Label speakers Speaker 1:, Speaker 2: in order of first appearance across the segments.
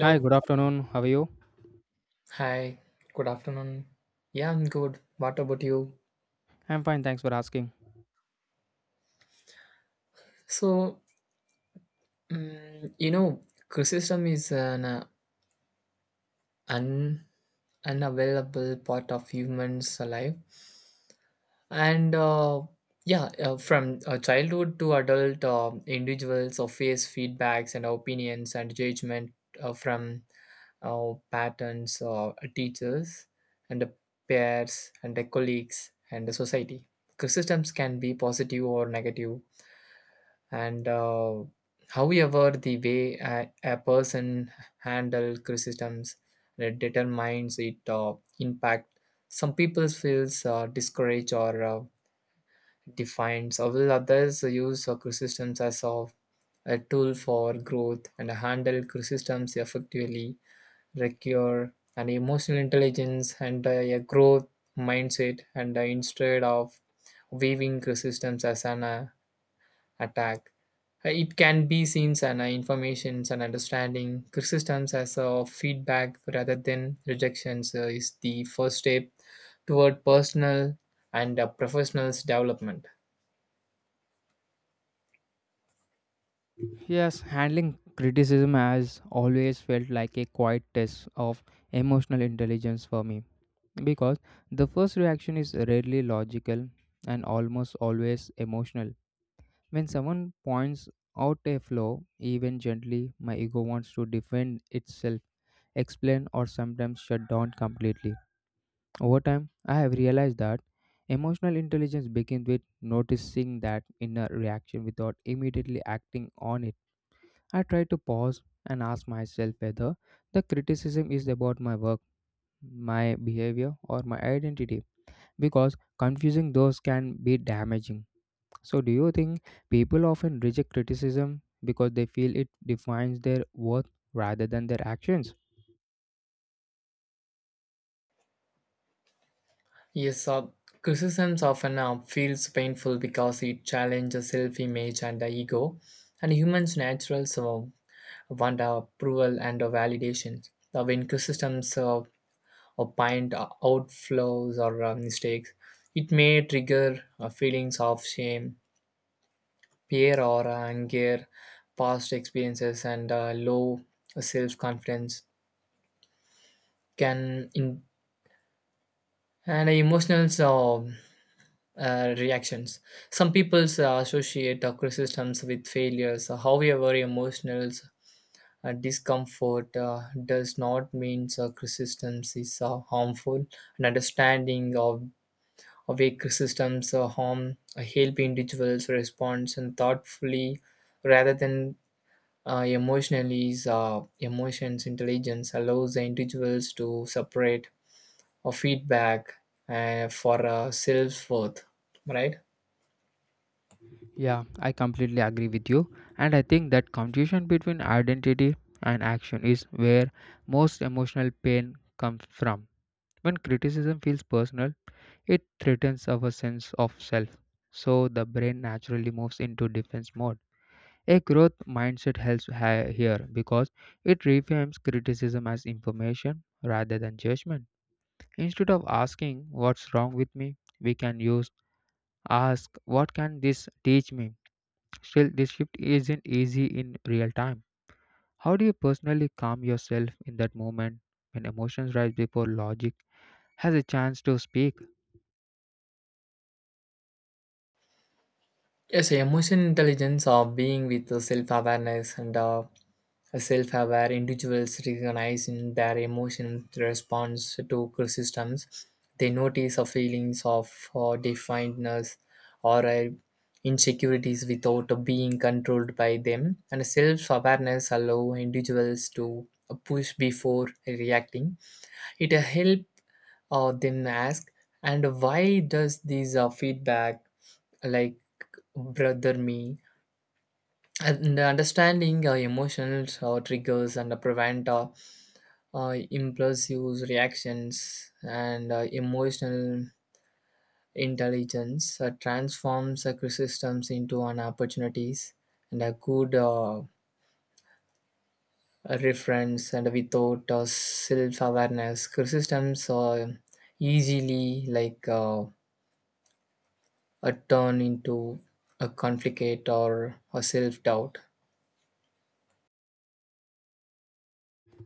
Speaker 1: Hi, good afternoon. How are you?
Speaker 2: Hi. Good afternoon. Yeah, I'm good. What about you?
Speaker 1: I'm fine, thanks for asking.
Speaker 2: So, criticism is an un unavailable part of humans' life, and yeah, from childhood to adult, individuals face feedbacks and opinions and judgment from patterns, teachers, and the peers, and the colleagues, and the society. Criticisms can be positive or negative, and however, the way a person handles criticisms that determines its impact. Some people feels discouraged or defined, so will others use criticisms as of a tool for growth and handle criticisms effectively require an emotional intelligence and a growth mindset and instead of viewing resistance as an attack. It can be seen as an information and understanding resistance as a feedback rather than rejections is the first step toward personal and professional development.
Speaker 1: Yes, handling criticism has always felt like a quiet test of emotional intelligence for me because the first reaction is rarely logical and almost always emotional. When someone points out a flaw, even gently, my ego wants to defend itself, explain, or sometimes shut down completely. Over time, I have realized that emotional intelligence begins with noticing that inner reaction without immediately acting on it. I try to pause and ask myself whether the criticism is about my work, my behavior, or my identity, because confusing those can be damaging. So, do you think people often reject criticism because they feel it defines their worth rather than their actions?
Speaker 2: Yes, criticisms often feels painful because it challenges self-image and the ego and humans natural so want approval and validations. When criticisms or point outflows or mistakes, it may trigger feelings of shame, fear, or anger. Past experiences and low self confidence can in and emotional reactions. Some people associate criticisms with failures. However, emotional discomfort does not mean criticisms is harmful. An understanding of a criticism's harm help individuals respond and thoughtfully rather than emotionally. Is, emotions intelligence allows the individuals to separate a feedback for self worth, right?
Speaker 1: Yeah, I completely agree with you. And I think that confusion between identity and action is where most emotional pain comes from. When criticism feels personal, it threatens our sense of self. So the brain naturally moves into defense mode. A growth mindset helps here because it reframes criticism as information rather than judgment. Instead of asking what's wrong with me, we can use ask what can this teach me. Still, this shift isn't easy in real time. How do you personally calm yourself in that moment when emotions rise before logic has a chance to speak?
Speaker 2: Yes, emotion intelligence or being with the self-awareness and a self-aware individuals recognize in their emotion response to systems. They notice the feelings of definedness or insecurities without being controlled by them. And self-awareness allow individuals to push before reacting. It help them ask, and why does this feedback like brother me? And understanding emotions triggers and prevent impulsive reactions and emotional intelligence transforms criticisms into an opportunities and a good reference and without self-awareness criticisms easily like a turn into a conflict or a self-doubt.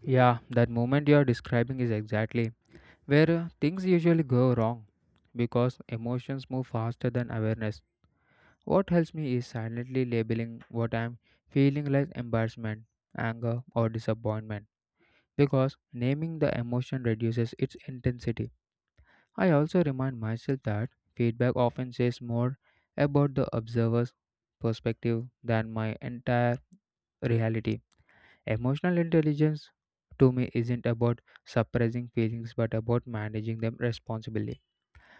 Speaker 1: Yeah, that moment you're describing is exactly where things usually go wrong because emotions move faster than awareness. What helps me is silently labeling what I'm feeling like embarrassment, anger, or disappointment because naming the emotion reduces its intensity. I also remind myself that feedback often says more about the observer's perspective than my entire reality. Emotional intelligence to me isn't about suppressing feelings but about managing them responsibly.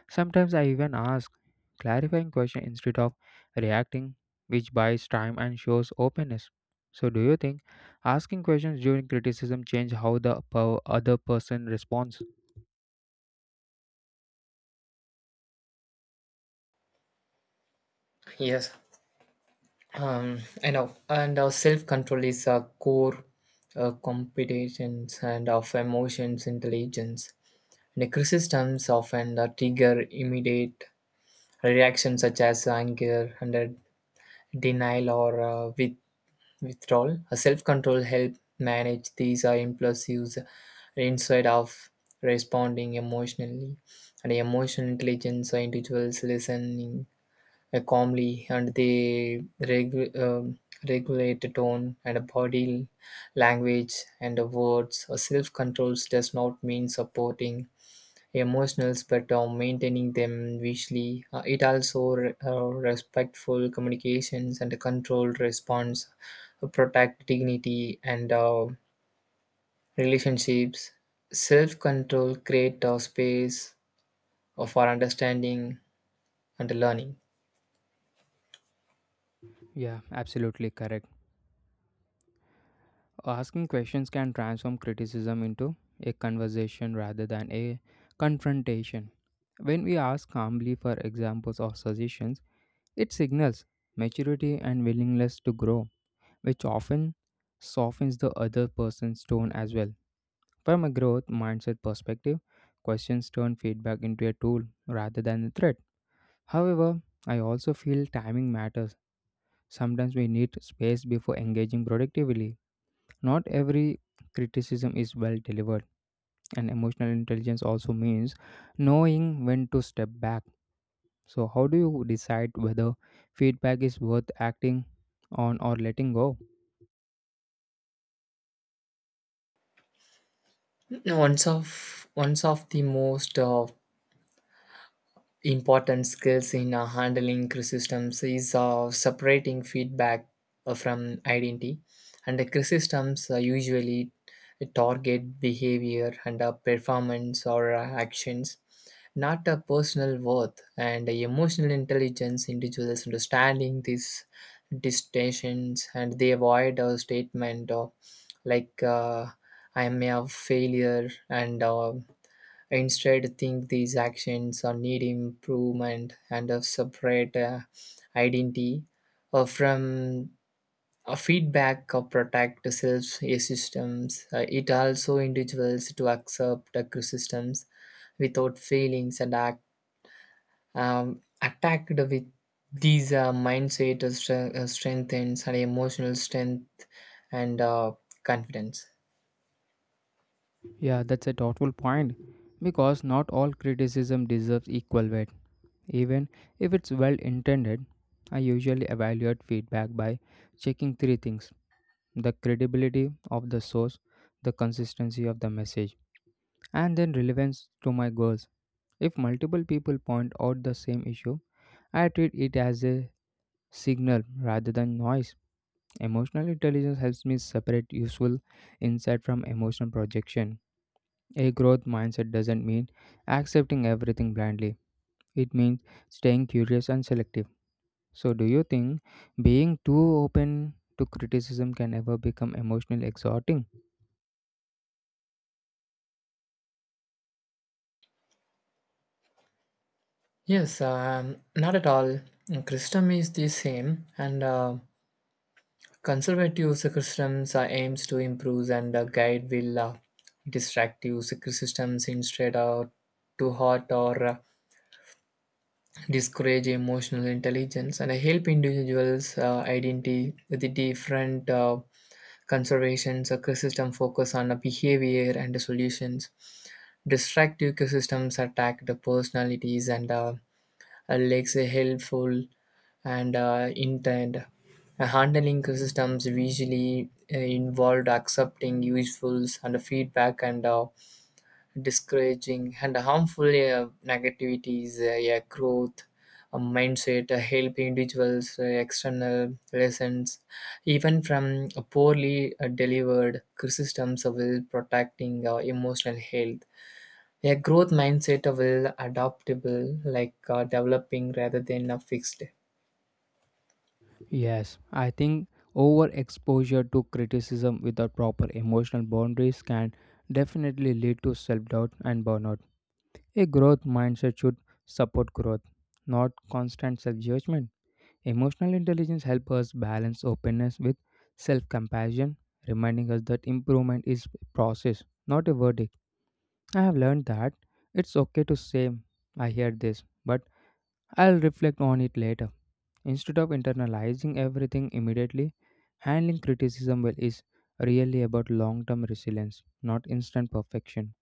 Speaker 1: Sometimes I even ask clarifying questions instead of reacting, which buys time and shows openness. So, do you think asking questions during criticism change how the other person responds?
Speaker 2: Yes. Um, I know, and our self control is a core competence and of emotions intelligence. And the systems often trigger immediate reactions such as anger and denial or withdrawal. A self control help manage these impulses instead of responding emotionally. And emotional intelligence, individuals listening calmly, and they regulate the tone and a body language and the words. Self control does not mean supporting emotionals but maintaining them visually. It also respectful communications and a controlled response, protect dignity and relationships. Self control create a space of our understanding and learning.
Speaker 1: Yeah, absolutely correct. Asking questions can transform criticism into a conversation rather than a confrontation. When we ask calmly for examples or suggestions, it signals maturity and willingness to grow, which often softens the other person's tone as well. From a growth mindset perspective, questions turn feedback into a tool rather than a threat. However, I also feel timing matters. Sometimes we need space before engaging productively, not every criticism is well delivered, and emotional intelligence also means knowing when to step back. So, how do you decide whether feedback is worth acting on or letting go?
Speaker 2: One's of the most important skills in handling criticisms is separating feedback from identity, and the criticisms usually target behavior and performance or actions, not a personal worth. And emotional intelligence individuals understanding these distinctions and they avoid a statement of like I am a failure and. Instead think these actions are need improvement and a separate identity from a feedback or protect self systems. It also individuals to accept the criticisms without feelings and act attacked with these mindset strengthens and emotional strength and confidence.
Speaker 1: Yeah, that's a thoughtful point because not all criticism deserves equal weight. Even if it's well intended, I usually evaluate feedback by checking three things: the credibility of the source, the consistency of the message, and then relevance to my goals. If multiple people point out the same issue, I treat it as a signal rather than noise. Emotional intelligence helps me separate useful insight from emotional projection. A growth mindset doesn't mean accepting everything blindly, it means staying curious and selective. So, do you think being too open to criticism can ever become emotionally exhausting?
Speaker 2: Yes, not at all. Christendom is the same, and Conservative systems are aims to improve and guide will destructive systems instead of to hurt or discourage emotional intelligence and help individuals identify the different conservation ecosystem focus on behavior and solutions. Destructive ecosystems attack the personalities and legs are helpful and intent. Handling systems usually involved accepting usefuls and feedback and discouraging and harmful negativities, yeah, growth, a mindset, help individuals, external lessons, even from poorly delivered criticisms will protecting emotional health. A growth mindset will adaptable, like developing rather than a fixed.
Speaker 1: Yes, I think overexposure to criticism without proper emotional boundaries can definitely lead to self doubt and burnout. A growth mindset should support growth, not constant self judgment. Emotional intelligence helps us balance openness with self compassion, reminding us that improvement is a process, not a verdict. I have learned that it's okay to say, I heard this, but I'll reflect on it later. Instead of internalizing everything immediately, handling criticism well is really about long term resilience, not instant perfection.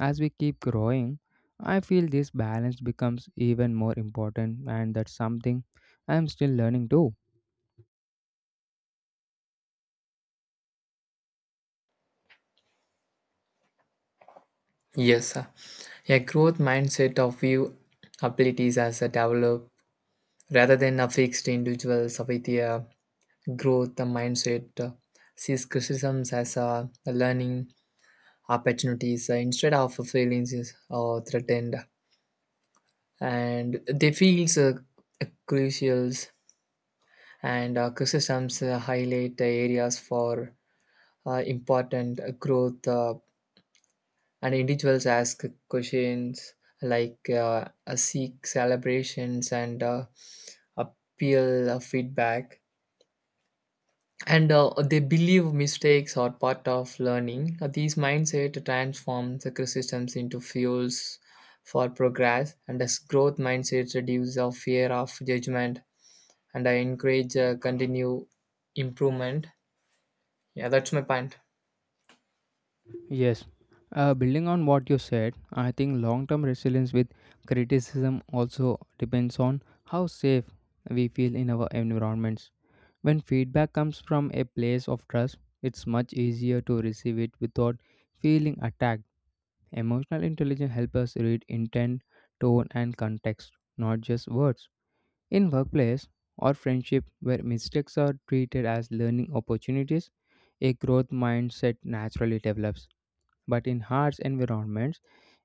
Speaker 1: As we keep growing, I feel this balance becomes even more important, and that's something I'm still learning too.
Speaker 2: Yes, a growth mindset of view abilities as a develop rather than a fixed individuals with a growth mindset sees criticisms as a learning opportunities instead of feelings is, or threatened, and they feels crucial and criticisms highlight the areas for important growth and individuals ask questions like seek celebrations and appeal feedback and they believe mistakes are part of learning. These mindset transforms the criticisms into fuels for progress and as growth mindset reduces our fear of judgment and I encourage continue improvement. Yeah, that's my point.
Speaker 1: Yes, building on what you said, I think long term resilience with criticism also depends on how safe we feel in our environments. When feedback comes from a place of trust, it's much easier to receive it without feeling attacked. Emotional intelligence helps us read intent, tone, and context, not just words. In workplace or friendship, where mistakes are treated as learning opportunities, a growth mindset naturally develops. But in harsh environments,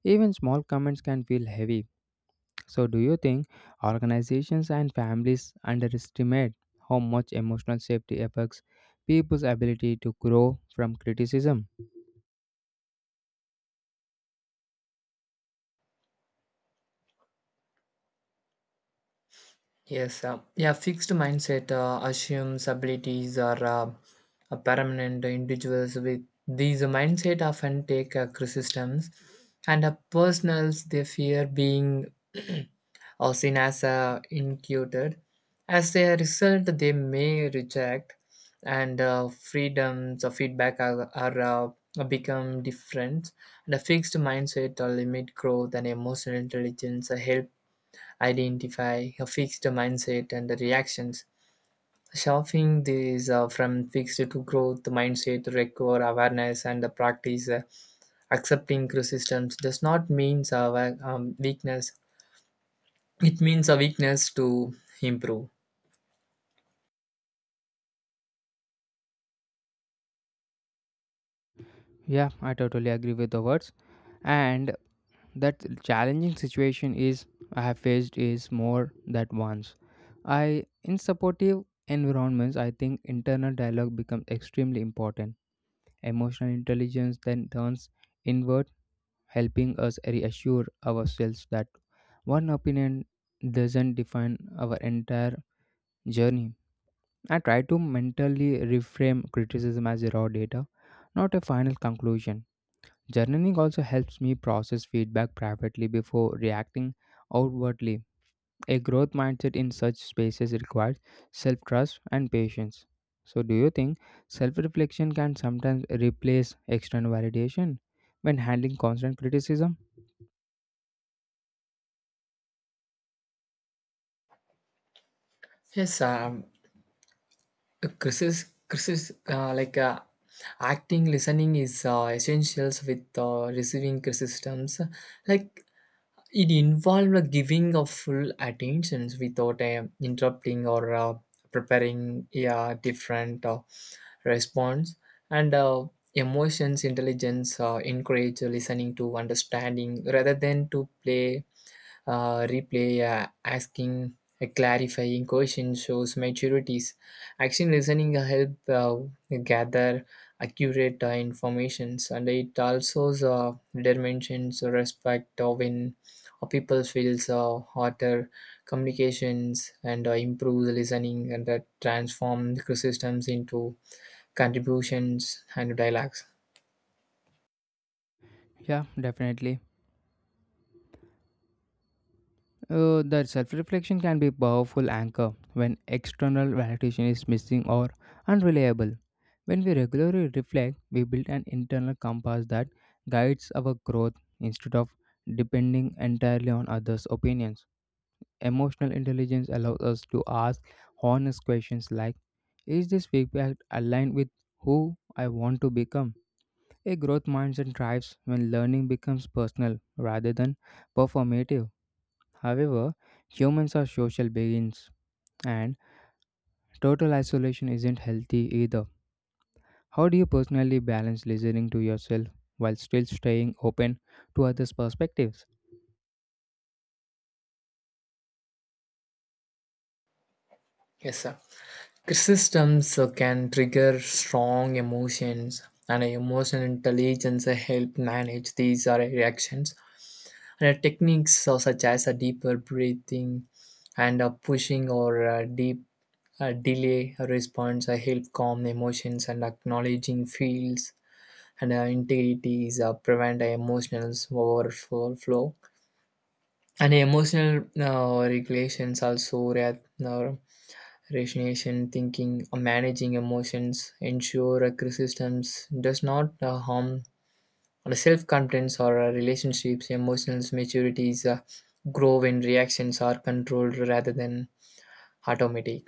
Speaker 1: even small comments can feel heavy. So, do you think organizations and families underestimate how much emotional safety affects people's ability to grow from criticism?
Speaker 2: Yes, fixed mindset assumes abilities are permanent. Individuals with these mindset often take criticisms, and personals they fear being or seen as incuted. As a result, they may reject, and freedoms of feedback are become different. And a fixed mindset limit growth and emotional intelligence help identify a fixed mindset and the reactions. Shifting these from fixed to growth mindset require awareness and the practice. Accepting resistance does not mean our weakness. It means a weakness to improve.
Speaker 1: Yeah, I totally agree with the words. And that challenging situation is I have faced is more that once. I in supportive environments, I think internal dialogue becomes extremely important. Emotional intelligence then turns inward, helping us reassure ourselves that one opinion doesn't define our entire journey. I try to mentally reframe criticism as raw data, not a final conclusion. Journaling also helps me process feedback privately before reacting outwardly. A growth mindset in such spaces requires self trust and patience. So, do you think self reflection can sometimes replace external validation when handling constant criticism?
Speaker 2: Yes, like acting, listening is essentials with receiving criticisms. Like it involved a giving of full attentions without interrupting or preparing a different response. And emotions intelligence encourage listening to understanding rather than to play replay, asking clarifying question shows maturities. Action listening help gather accurate informations, and it also determines respect when people feels hotter communications and improves listening and that transform the systems into contributions and dialogues.
Speaker 1: Yeah, definitely. The self reflection can be a powerful anchor when external validation is missing or unreliable. When we regularly reflect, we build an internal compass that guides our growth instead of depending entirely on others' opinions. Emotional intelligence allows us to ask honest questions like, is this feedback aligned with who I want to become? A growth mindset thrives when learning becomes personal rather than performative. However, humans are social beings and total isolation isn't healthy either. How do you personally balance listening to yourself while still staying open to others' perspectives?
Speaker 2: Yes, sir. Criticisms can trigger strong emotions, and emotional intelligence help manage these reactions. And techniques such as a deeper breathing and pushing or deep delay response help calm emotions and acknowledging feels and integrities prevent emotional overflow. And emotional regulations also uh, Rationalization, thinking, or managing emotions ensure a systems does not harm the self-confidence or relationships. Emotional maturities grow when reactions are controlled rather than automatic.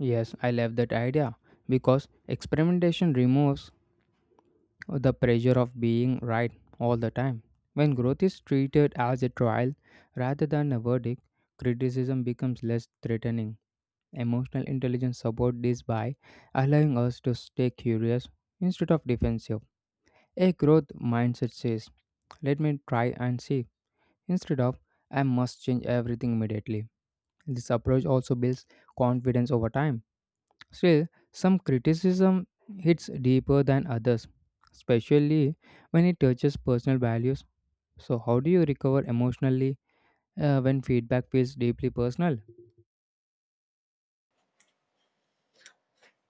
Speaker 1: Yes, I love that idea because experimentation removes the pressure of being right all the time. When growth is treated as a trial rather than a verdict, criticism becomes less threatening. Emotional intelligence supports this by allowing us to stay curious instead of defensive. A growth mindset says, let me try and see, instead of I must change everything immediately. This approach also builds confidence over time. Still, some criticism hits deeper than others, especially when it touches personal values. So, how do you recover emotionally when feedback feels deeply personal?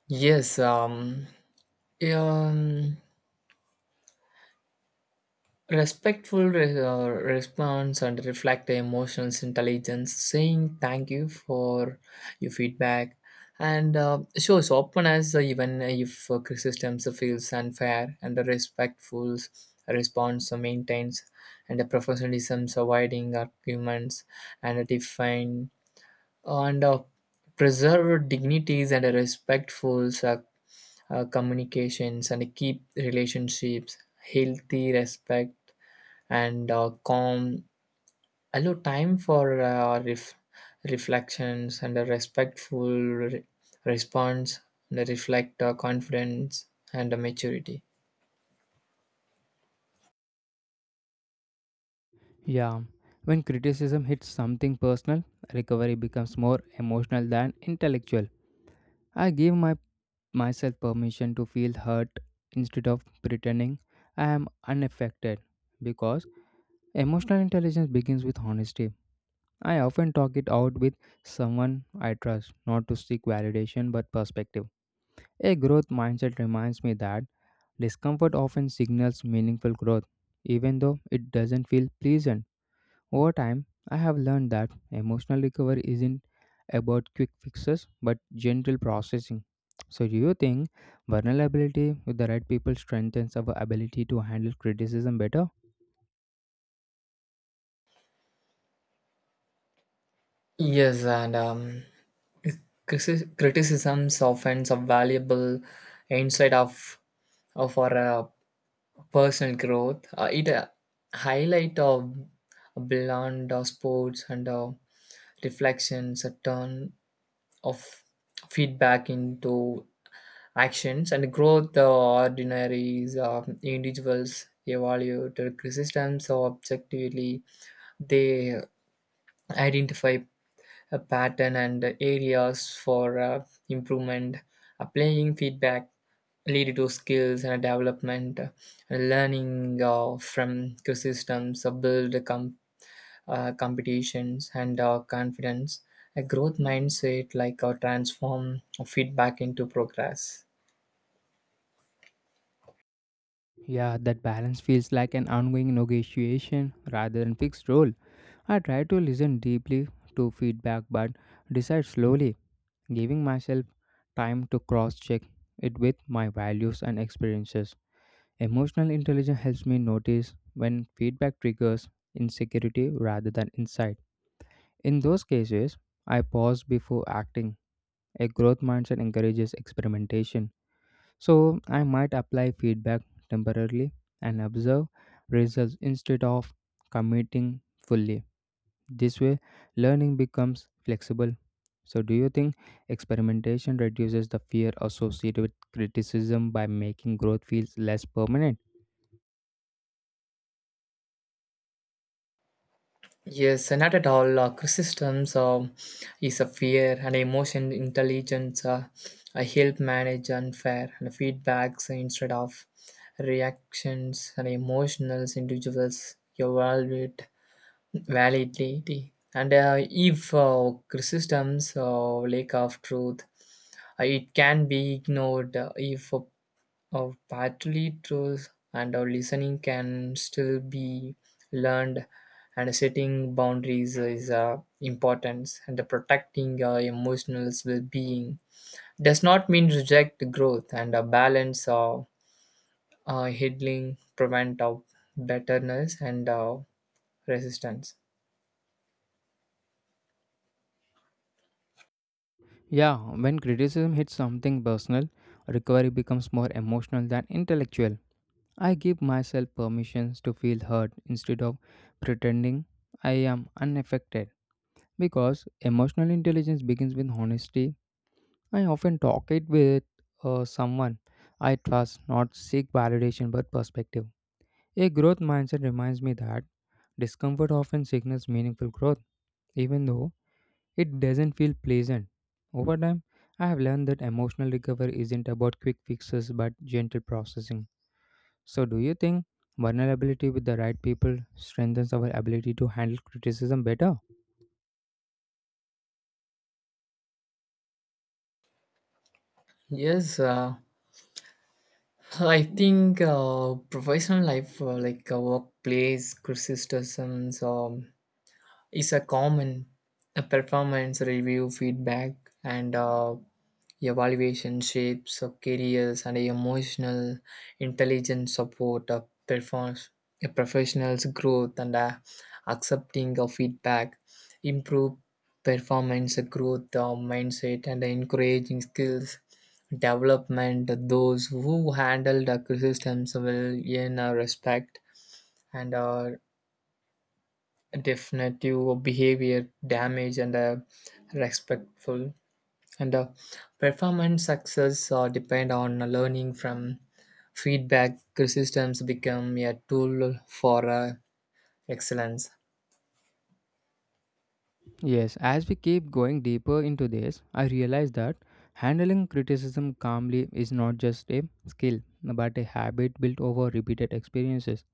Speaker 2: Yes, yeah, um, Respectful response and reflect the emotions intelligence, saying thank you for your feedback and shows openness even if criticism feels unfair and the respectful response maintains and the professionalism avoiding arguments and define and preserve dignities and a respectful communications and keep relationships healthy respect and calm, allow time for reflections and a respectful response, and reflect confidence and maturity.
Speaker 1: Yeah, when criticism hits something personal, recovery becomes more emotional than intellectual. I give my myself permission to feel hurt instead of pretending I am unaffected because emotional intelligence begins with honesty. I often talk it out with someone I trust, not to seek validation but perspective. A growth mindset reminds me that discomfort often signals meaningful growth, even though it doesn't feel pleasant. Over time, I have learned that emotional recovery isn't about quick fixes but gentle processing. So, do you think vulnerability with the right people strengthens our ability to handle criticism better?
Speaker 2: Yes, and criticisms often a valuable insight of our personal growth. It highlight of beyond sports and reflections, a turn of feedback into actions and growth the ordinaries of individuals evaluated resistance objectively they identify a pattern and areas for improvement applying feedback lead to skills and development and learning from systems build competitions and confidence a growth mindset like transform feedback into progress.
Speaker 1: Yeah, that balance feels like an ongoing negotiation rather than fixed role. I try to listen deeply to feedback but decide slowly, giving myself time to cross check it with my values and experiences. Emotional intelligence helps me notice when feedback triggers insecurity rather than insight. In those cases, I pause before acting. A growth mindset encourages experimentation. So, I might apply feedback temporarily and observe results instead of committing fully. This way, learning becomes flexible. So, do you think experimentation reduces the fear associated with criticism by making growth feels less permanent?
Speaker 2: Yes, not at all. Chrysistoms is a fear and emotion intelligence help manage unfair and feedbacks instead of reactions and emotional individuals evaluate validity. And if Chrysistoms lack of truth, it can be ignored if of partly truth and our listening can still be learned and setting boundaries is important and protecting our emotional well-being does not mean reject growth and a balance of healing prevent of betterness and resistance.
Speaker 1: Yeah, when criticism hits something personal, recovery becomes more emotional than intellectual. I give myself permissions to feel hurt instead of pretending I am unaffected. Because emotional intelligence begins with honesty, I often talk it with someone I trust, not seek validation but perspective. A growth mindset reminds me that discomfort often signals meaningful growth, even though it doesn't feel pleasant. Over time, I have learned that emotional recovery isn't about quick fixes but gentle processing. So, do you think vulnerability with the right people strengthens our ability to handle criticism better?
Speaker 2: Yes, I think professional life like workplace criticisms is a common a performance review feedback and evaluation shapes of careers and emotional intelligence support of performance a professional's growth and accepting of feedback improve performance growth mindset and encouraging skills development those who handle the criticisms will earn respect and definitive behavior damage and respectful and performance success depend on learning from feedback systems become a tool for excellence.
Speaker 1: Yes, as we keep going deeper into this, I realize that handling criticism calmly is not just a skill but a habit built over repeated experiences.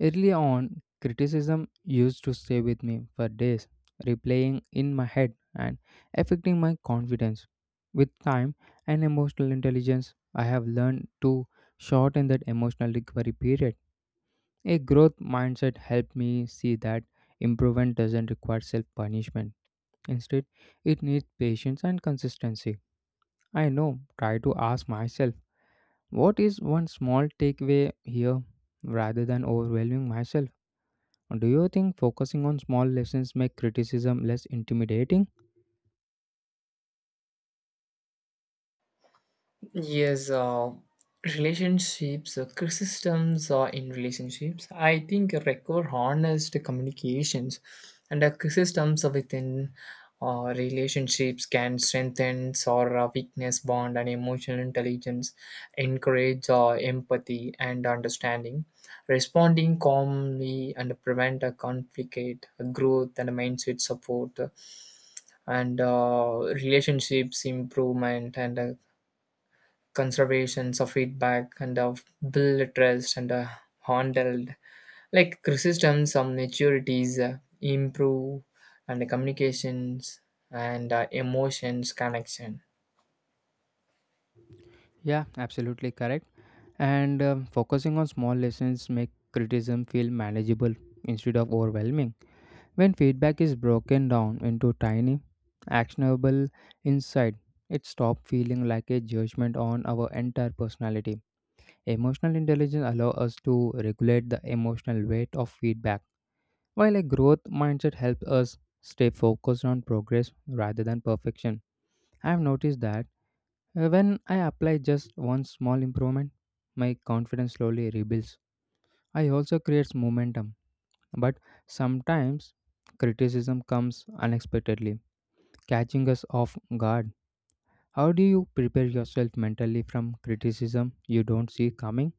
Speaker 1: Early on, criticism used to stay with me for days, replaying in my head and affecting my confidence. With time and emotional intelligence, I have learned to shorten that emotional recovery period. A growth mindset helped me see that improvement doesn't require self punishment. Instead, it needs patience and consistency. I know, try to ask myself, what is one small takeaway here rather than overwhelming myself? Do you think focusing on small lessons make criticism less intimidating?
Speaker 2: Yes, relationships, criticisms are in relationships. I think record honest communications and criticisms are within relationships can strengthen or weakness bond and emotional intelligence, encourage empathy and understanding, responding calmly and prevent a conflict, growth and mindset support and relationships improvement and conservations of feedback and of build trust and handled like criticism some maturities improve and the communications and emotions connection.
Speaker 1: Yeah, absolutely correct. And focusing on small lessons make criticism feel manageable instead of overwhelming. When feedback is broken down into tiny, actionable insight, it stops feeling like a judgment on our entire personality. Emotional intelligence allows us to regulate the emotional weight of feedback, while a growth mindset helps us stay focused on progress rather than perfection. I have noticed that when I apply just one small improvement, my confidence slowly rebuilds. I also creates momentum, but sometimes criticism comes unexpectedly, catching us off guard. How do you prepare yourself mentally from criticism you don't see coming?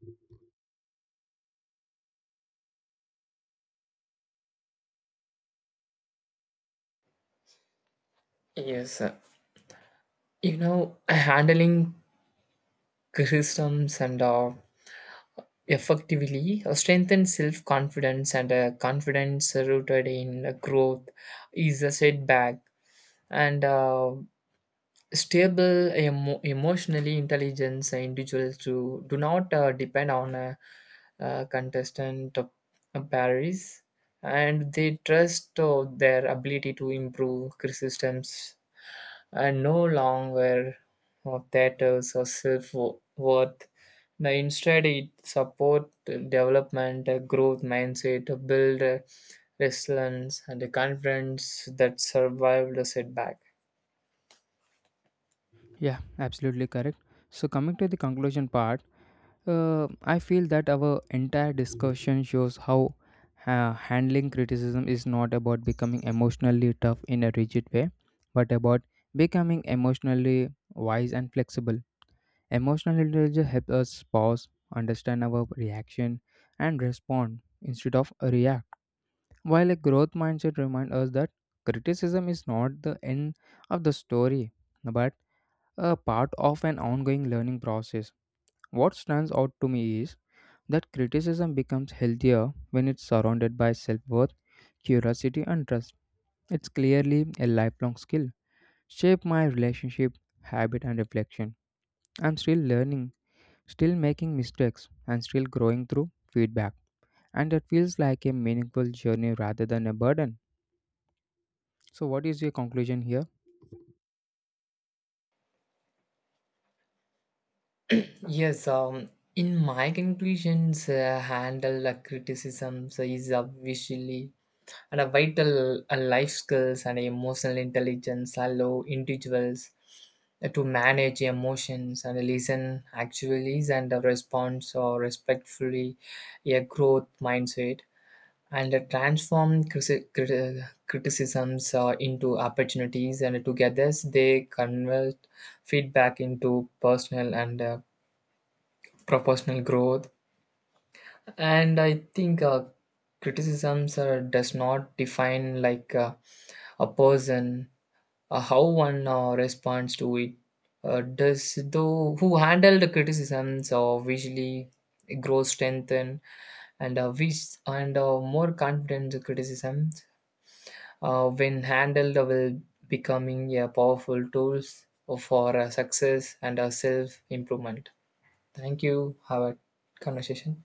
Speaker 2: Yes, handling criticisms and effectively strengthen self-confidence and confidence rooted in growth is a setback and stable emotionally intelligent individuals do not depend on a contestant of paris and they trust their ability to improve systems and no longer of theaters or self-worth now instead it support development growth mindset build resilience and the confidence that survived a setback.
Speaker 1: Yeah, absolutely correct. So, coming to the conclusion part, I feel that our entire discussion shows how handling criticism is not about becoming emotionally tough in a rigid way, but about becoming emotionally wise and flexible. Emotional intelligence helps us pause, understand our reaction, and respond instead of react. While a growth mindset reminds us that criticism is not the end of the story, but a part of an ongoing learning process. What stands out to me is that criticism becomes healthier when it's surrounded by self worth, curiosity, and trust. It's clearly a lifelong skill. Shape my relationship, habit, and reflection. I'm still learning, still making mistakes, and still growing through feedback. And it feels like a meaningful journey rather than a burden. So, what is your conclusion here?
Speaker 2: Yes, in my conclusions, handle criticisms is obviously and a vital life skills and emotional intelligence allow individuals to manage emotions and listen actually and respond or respectfully a growth mindset and transform criticisms into opportunities and together they convert feedback into personal and proportional growth and I think criticisms does not define like a person how one responds to it does though who handle the criticisms visually grows strengthened and more confident the criticisms when handled will becoming a powerful tools for success and self improvement. Thank you. Have a conversation.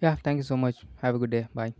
Speaker 1: Yeah, thank you so much. Have a good day. Bye.